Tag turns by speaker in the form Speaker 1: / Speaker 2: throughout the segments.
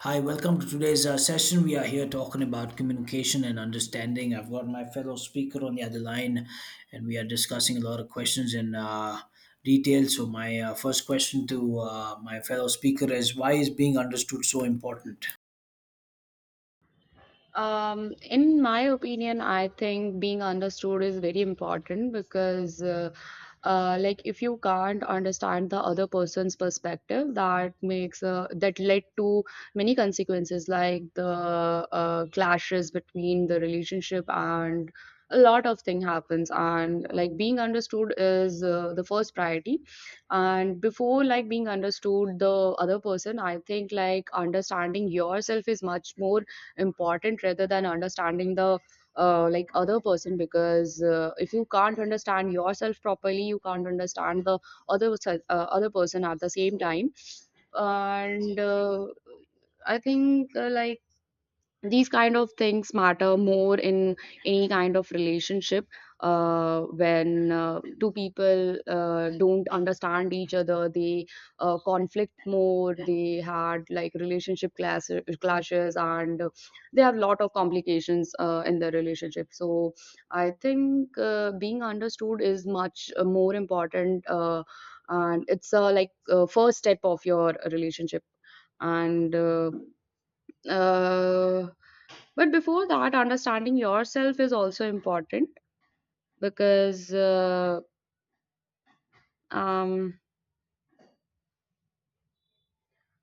Speaker 1: Hi, welcome to today's session. We are here talking about communication and understanding. I've got my fellow speaker on the other line, and we are discussing a lot of questions in detail. So, my first question to my fellow speaker is, why is being understood so important?
Speaker 2: In my opinion, I think being understood is very important because like, if you can't understand the other person's perspective, that led to many consequences, like the clashes between the relationship and a lot of thing happens. And like being understood is the first priority. And before like being understood the other person, I think like understanding yourself is much more important rather than understanding the other person because if you can't understand yourself properly you can't understand the other person at the same time and I think like these kind of things matter more in any kind of relationship, when two people don't understand each other, they conflict more, they had like clashes and they have lot of complications in their relationship. So I think being understood is much more important, and it's like first step of your relationship, and uh, but before that understanding yourself is also important because uh, um,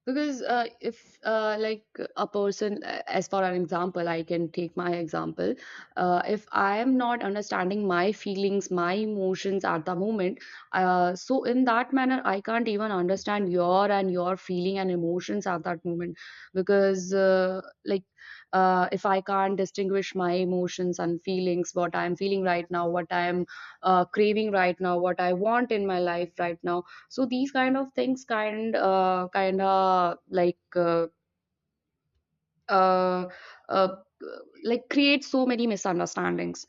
Speaker 2: because if like a person, as for an example I can take my example, if I am not understanding my feelings, my emotions at the moment, so in that manner I can't even understand your and your feeling and emotions at that moment. Because if I can't distinguish my emotions and feelings, what I am feeling right now, what I am craving right now, what I want in my life right now, so these kind of things kind kind of uh, uh, like create so many misunderstandings.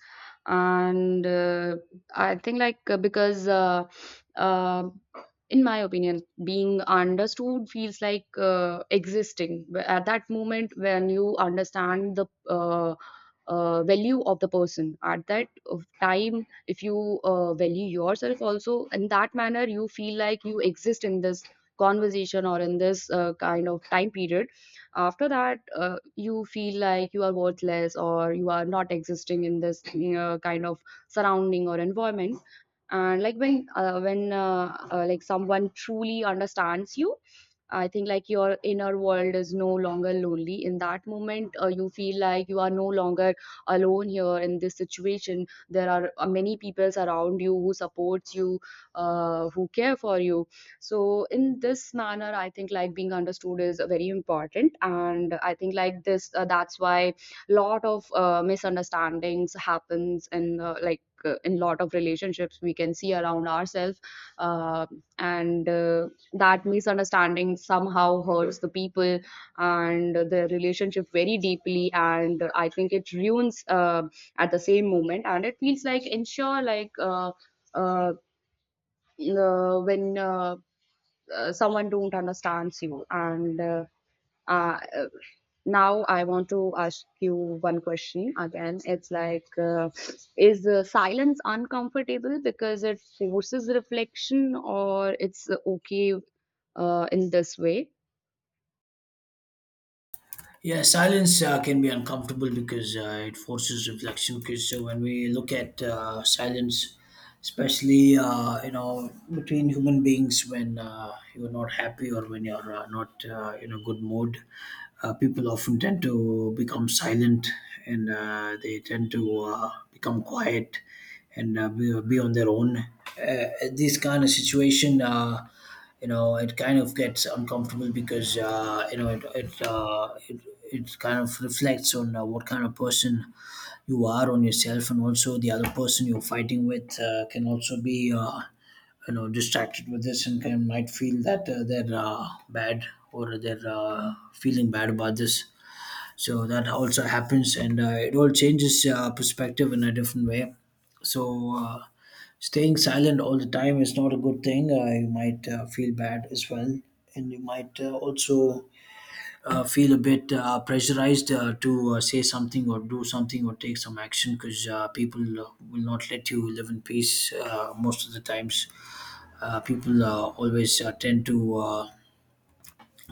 Speaker 2: And I think like because uh, in my opinion, being understood feels like at that moment when you understand the value of the person at that of time. If you value yourself also in that manner, you feel like you exist in this conversation or in this kind of time period. After that, you feel like you are worthless or you are not existing in this, you kind of surrounding or environment. And like when someone truly understands you, I think like your inner world is no longer lonely. In that moment, you feel like you are no longer alone here in this situation. There are many peoples around you who supports you, who care for you. So in this manner I think like being understood is very important, and I think like this, that's why lot of misunderstandings happens in in lot of relationships we can see around ourselves. Uh, and That misunderstanding somehow hurts the people and the relationship very deeply, and I think it ruins at the same moment, and it feels like ensure like uh, when someone don't understands you and uh, uh, now I want to ask you one question again. It's like, is silence uncomfortable because it forces reflection, or it's okay in this way?
Speaker 1: Yeah, silence can be uncomfortable because it forces reflection. Because when we look at silence, especially between human beings, when you're not happy or when you're not in a good mood, people often tend to become silent, and they tend to become quiet and be on their own. This kind of situation. It kind of gets uncomfortable because it kind of reflects on what kind of person you are, on yourself, and also the other person you're fighting with can also be distracted with this and can might feel that they're bad or they're feeling bad about this. So that also happens, and it all changes perspective in a different way. so uh, Staying silent all the time is not a good thing. You might feel bad as well, and you might also feel a bit pressurized to say something or do something or take some action, because people will not let you live in peace most of the times. People always tend to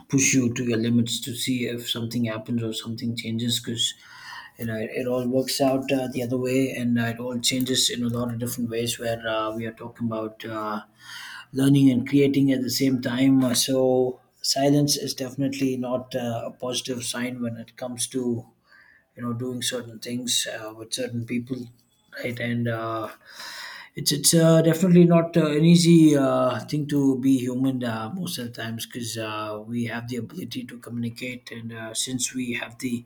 Speaker 1: push you to your limits to see if something happens or something changes. Because it all works out the other way, and it all changes in a lot of different ways, where we are talking about learning and creating at the same time. So silence is definitely not a positive sign when it comes to doing certain things with certain people, right? And it's it's definitely not an easy thing to be human most of the times, because we have the ability to communicate, and since we have the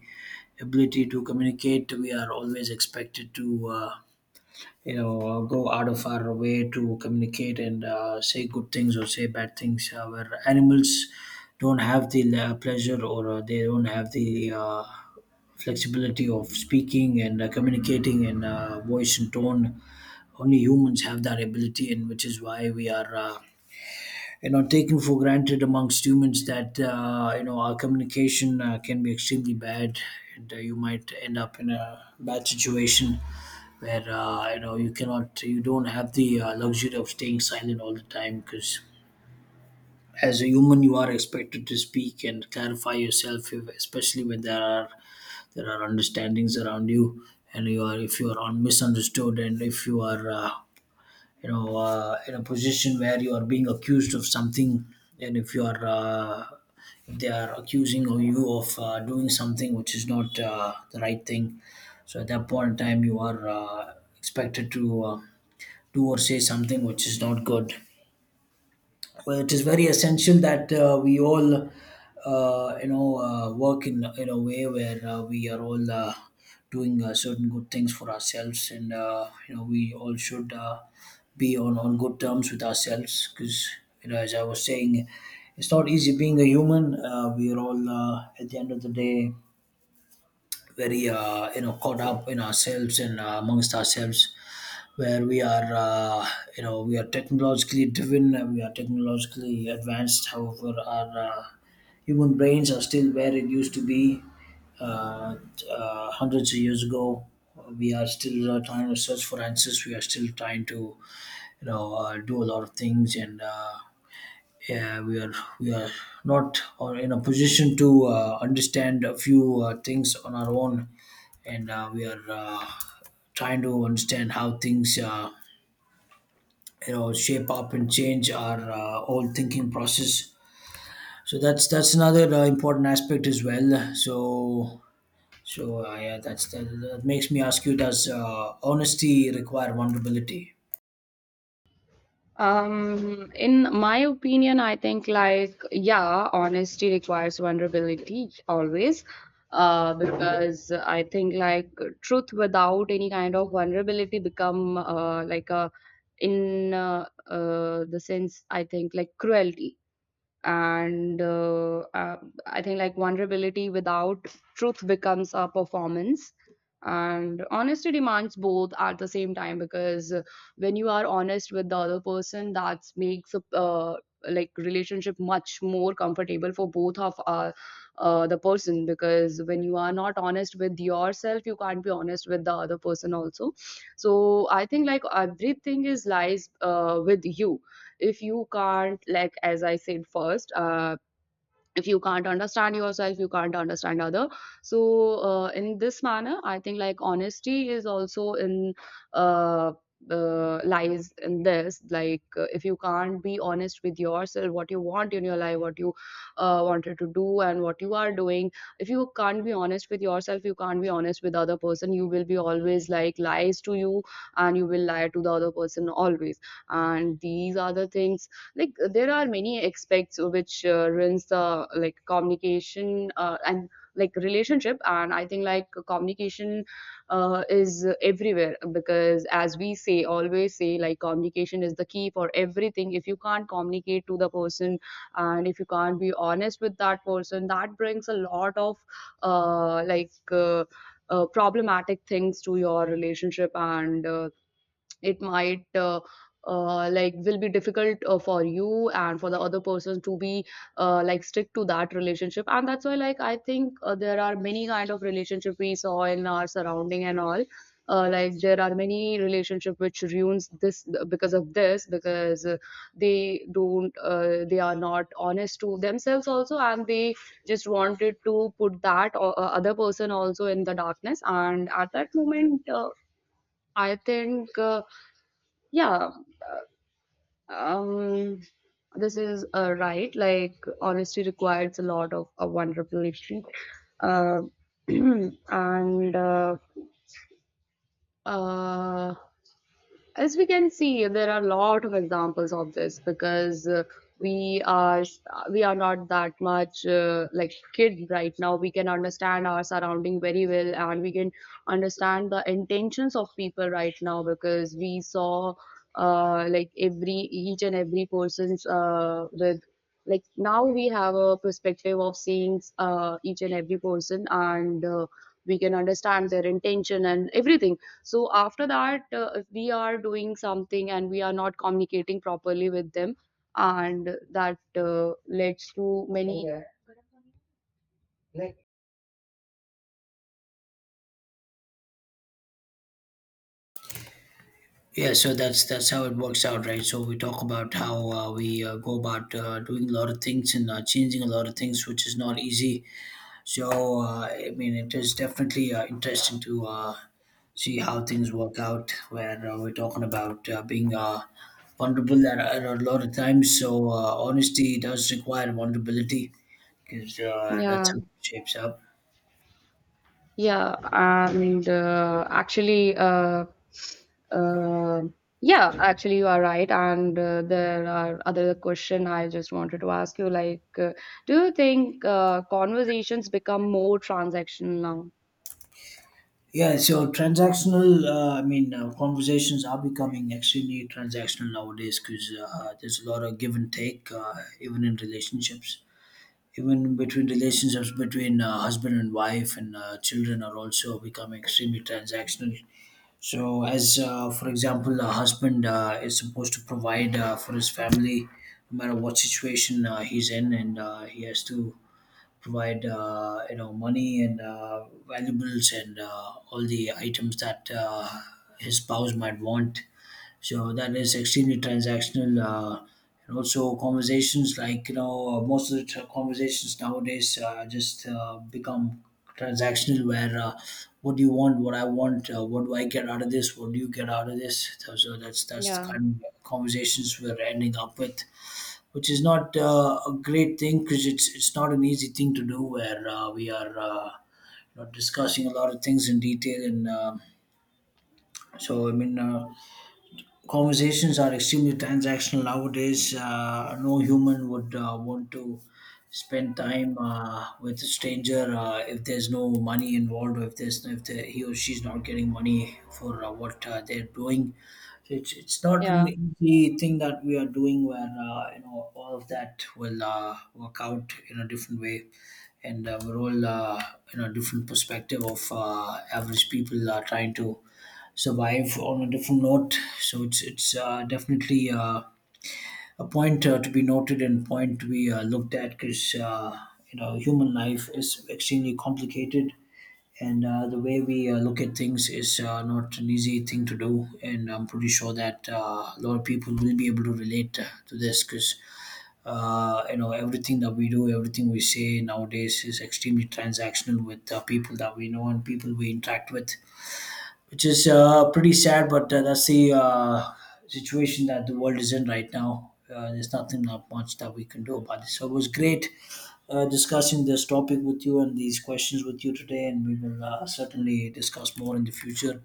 Speaker 1: ability to communicate, we are always expected to. Go out of our way to communicate and say good things or say bad things, where animals don't have the pleasure, or they don't have the flexibility of speaking and communicating and voice and tone. Only humans have that ability, and which is why we are taken for granted amongst humans, that our communication can be extremely bad, and you might end up in a bad situation where you cannot, you don't have the luxury of staying silent all the time, because as a human you are expected to speak and clarify yourself, if, especially when there are understandings around you, and you are, if you are misunderstood, and if you are in a position where you are being accused of something, and if you are if they are accusing of you of doing something which is not the right thing. So at that point in time you are expected to do or say something which is not good. Well, it is very essential that we all, work in a way where we are all doing certain good things for ourselves, and we all should be on good terms with ourselves, because as I was saying, it's not easy being a human. We are all at the end of the day very caught up in ourselves and amongst ourselves, where we are, we are technologically driven, and we are technologically advanced. However, our human brains are still where it used to be uh, hundreds of years ago. We are still trying to search for answers. We are still trying to, do a lot of things, and yeah, we are not or in a position to understand a few things on our own, and we are trying to understand how things shape up and change our old thinking process. So that's another important aspect as well. Yeah, that makes me ask you, does honesty require vulnerability?
Speaker 2: In my opinion, I think like yeah, honesty requires vulnerability always. Because I think like truth without any kind of vulnerability become like a in the sense I think like cruelty, and I think like vulnerability without truth becomes a performance, and honesty demands both at the same time. Because when you are honest with the other person, that makes a like relationship much more comfortable for both of the person. Because when you are not honest with yourself, you can't be honest with the other person also. So I think like everything is lies with you. If you can't like, as I said first, if you can't understand yourself, you can't understand other. So in this manner I think like honesty is also in uh, lies in this. Like, if you can't be honest with yourself, what you want in your life, what you wanted to do, and what you are doing. If you can't be honest with yourself, you can't be honest with other person. You will be always like lies to you, and you will lie to the other person always. And these are the things, like there are many aspects which runs the like communication and like relationship. And I think like communication is everywhere, because as we say, always say, like communication is the key for everything. If you can't communicate to the person, and if you can't be honest with that person, that brings a lot of uh, like uh, problematic things to your relationship. And It might will be difficult for you and for the other person to be like stick to that relationship. And that's why like I think there are many kind of relationship we saw in our surrounding and all. There are many relationship which ruins this because of this. Because they don't, they are not honest to themselves also, and they just wanted to put that other person also in the darkness. And at that moment, I think yeah, um, this is right. Like, honesty requires a lot of vulnerability. Uh, and uh, as we can see, there are a lot of examples of this. Because we are, we are not that much like kid right now. We can understand our surrounding very well, and we can understand the intentions of people right now, because we saw like every, each and every person's with, like now we have a perspective of seeing each and every person. And uh, we can understand their intention and everything. So after that, if we are doing something and we are not communicating properly with them, and that leads to many, yeah.
Speaker 1: Yeah, so that's how it works out, right? So we talk about how we go about doing a lot of things and changing a lot of things, which is not easy. So, I mean, it is definitely interesting to see how things work out, where we're talking about being vulnerable at a lot of times. So, honesty does require vulnerability, because that's
Speaker 2: yeah,
Speaker 1: how it shapes up.
Speaker 2: yeah. and uh, actually uh, uh, yeah, actually you are right, and there are other question I just wanted to ask you, like, do you think conversations become more transactional now?
Speaker 1: Yeah, so transactional, I mean, conversations are becoming extremely transactional nowadays, because there's a lot of give and take, even in relationships. Even between relationships between husband and wife, and children are also becoming extremely transactional. So, as for example, a husband is supposed to provide for his family no matter what situation he's in, and he has to provide money and valuables and all the items that his spouse might want. So that is extremely transactional. And also conversations like, most of the conversations nowadays just become transactional, where what do you want, what I want, what do I get out of this, what do you get out of this. So, so that's the
Speaker 2: Yeah,
Speaker 1: kind of conversations we're ending up with. Which is not a great thing, because it's not an easy thing to do, where we are discussing a lot of things in detail, and so I mean, conversations are extremely transactional nowadays. No human would want to spend time with a stranger if there's no money involved, or if there's, if the, he or she's not getting money for what they're doing. So it's not
Speaker 2: yeah,
Speaker 1: an easy thing that we are doing, where all of that will work out in a different way, and we're all in a different perspective, of average people are trying to survive on a different note. So it's it's definitely a point to be noted and point to be looked at, because human life is extremely complicated, and the way we look at things is not an easy thing to do. And I'm pretty sure that a lot of people will be able to relate to this. Because everything that we do, everything we say nowadays is extremely transactional, with people that we know and people we interact with, which is pretty sad, but that's the situation that the world is in right now. There's nothing, not much that we can do about it. So it was great discussing this topic with you and these questions with you today, and we will certainly discuss more in the future,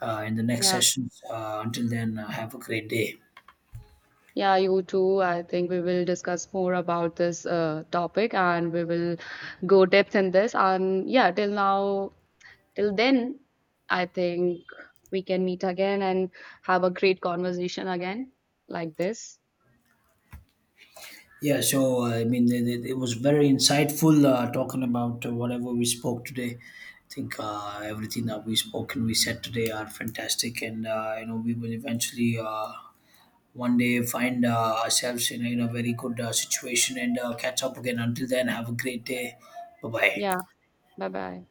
Speaker 1: in the next
Speaker 2: yeah.
Speaker 1: sessions. Until then, have a great day.
Speaker 2: Yeah, you too. I think we will discuss more about this topic and we will go depth in this. And yeah, till now, till then, I think we can meet again and have a great conversation again like this.
Speaker 1: Yeah, so I mean, it was very insightful talking about whatever we spoke today. I think everything that we spoke and we said today are fantastic, and we will eventually one day find ourselves in, in a very good situation, and catch up again. Until then, have a great day. Bye bye.
Speaker 2: Yeah, bye bye.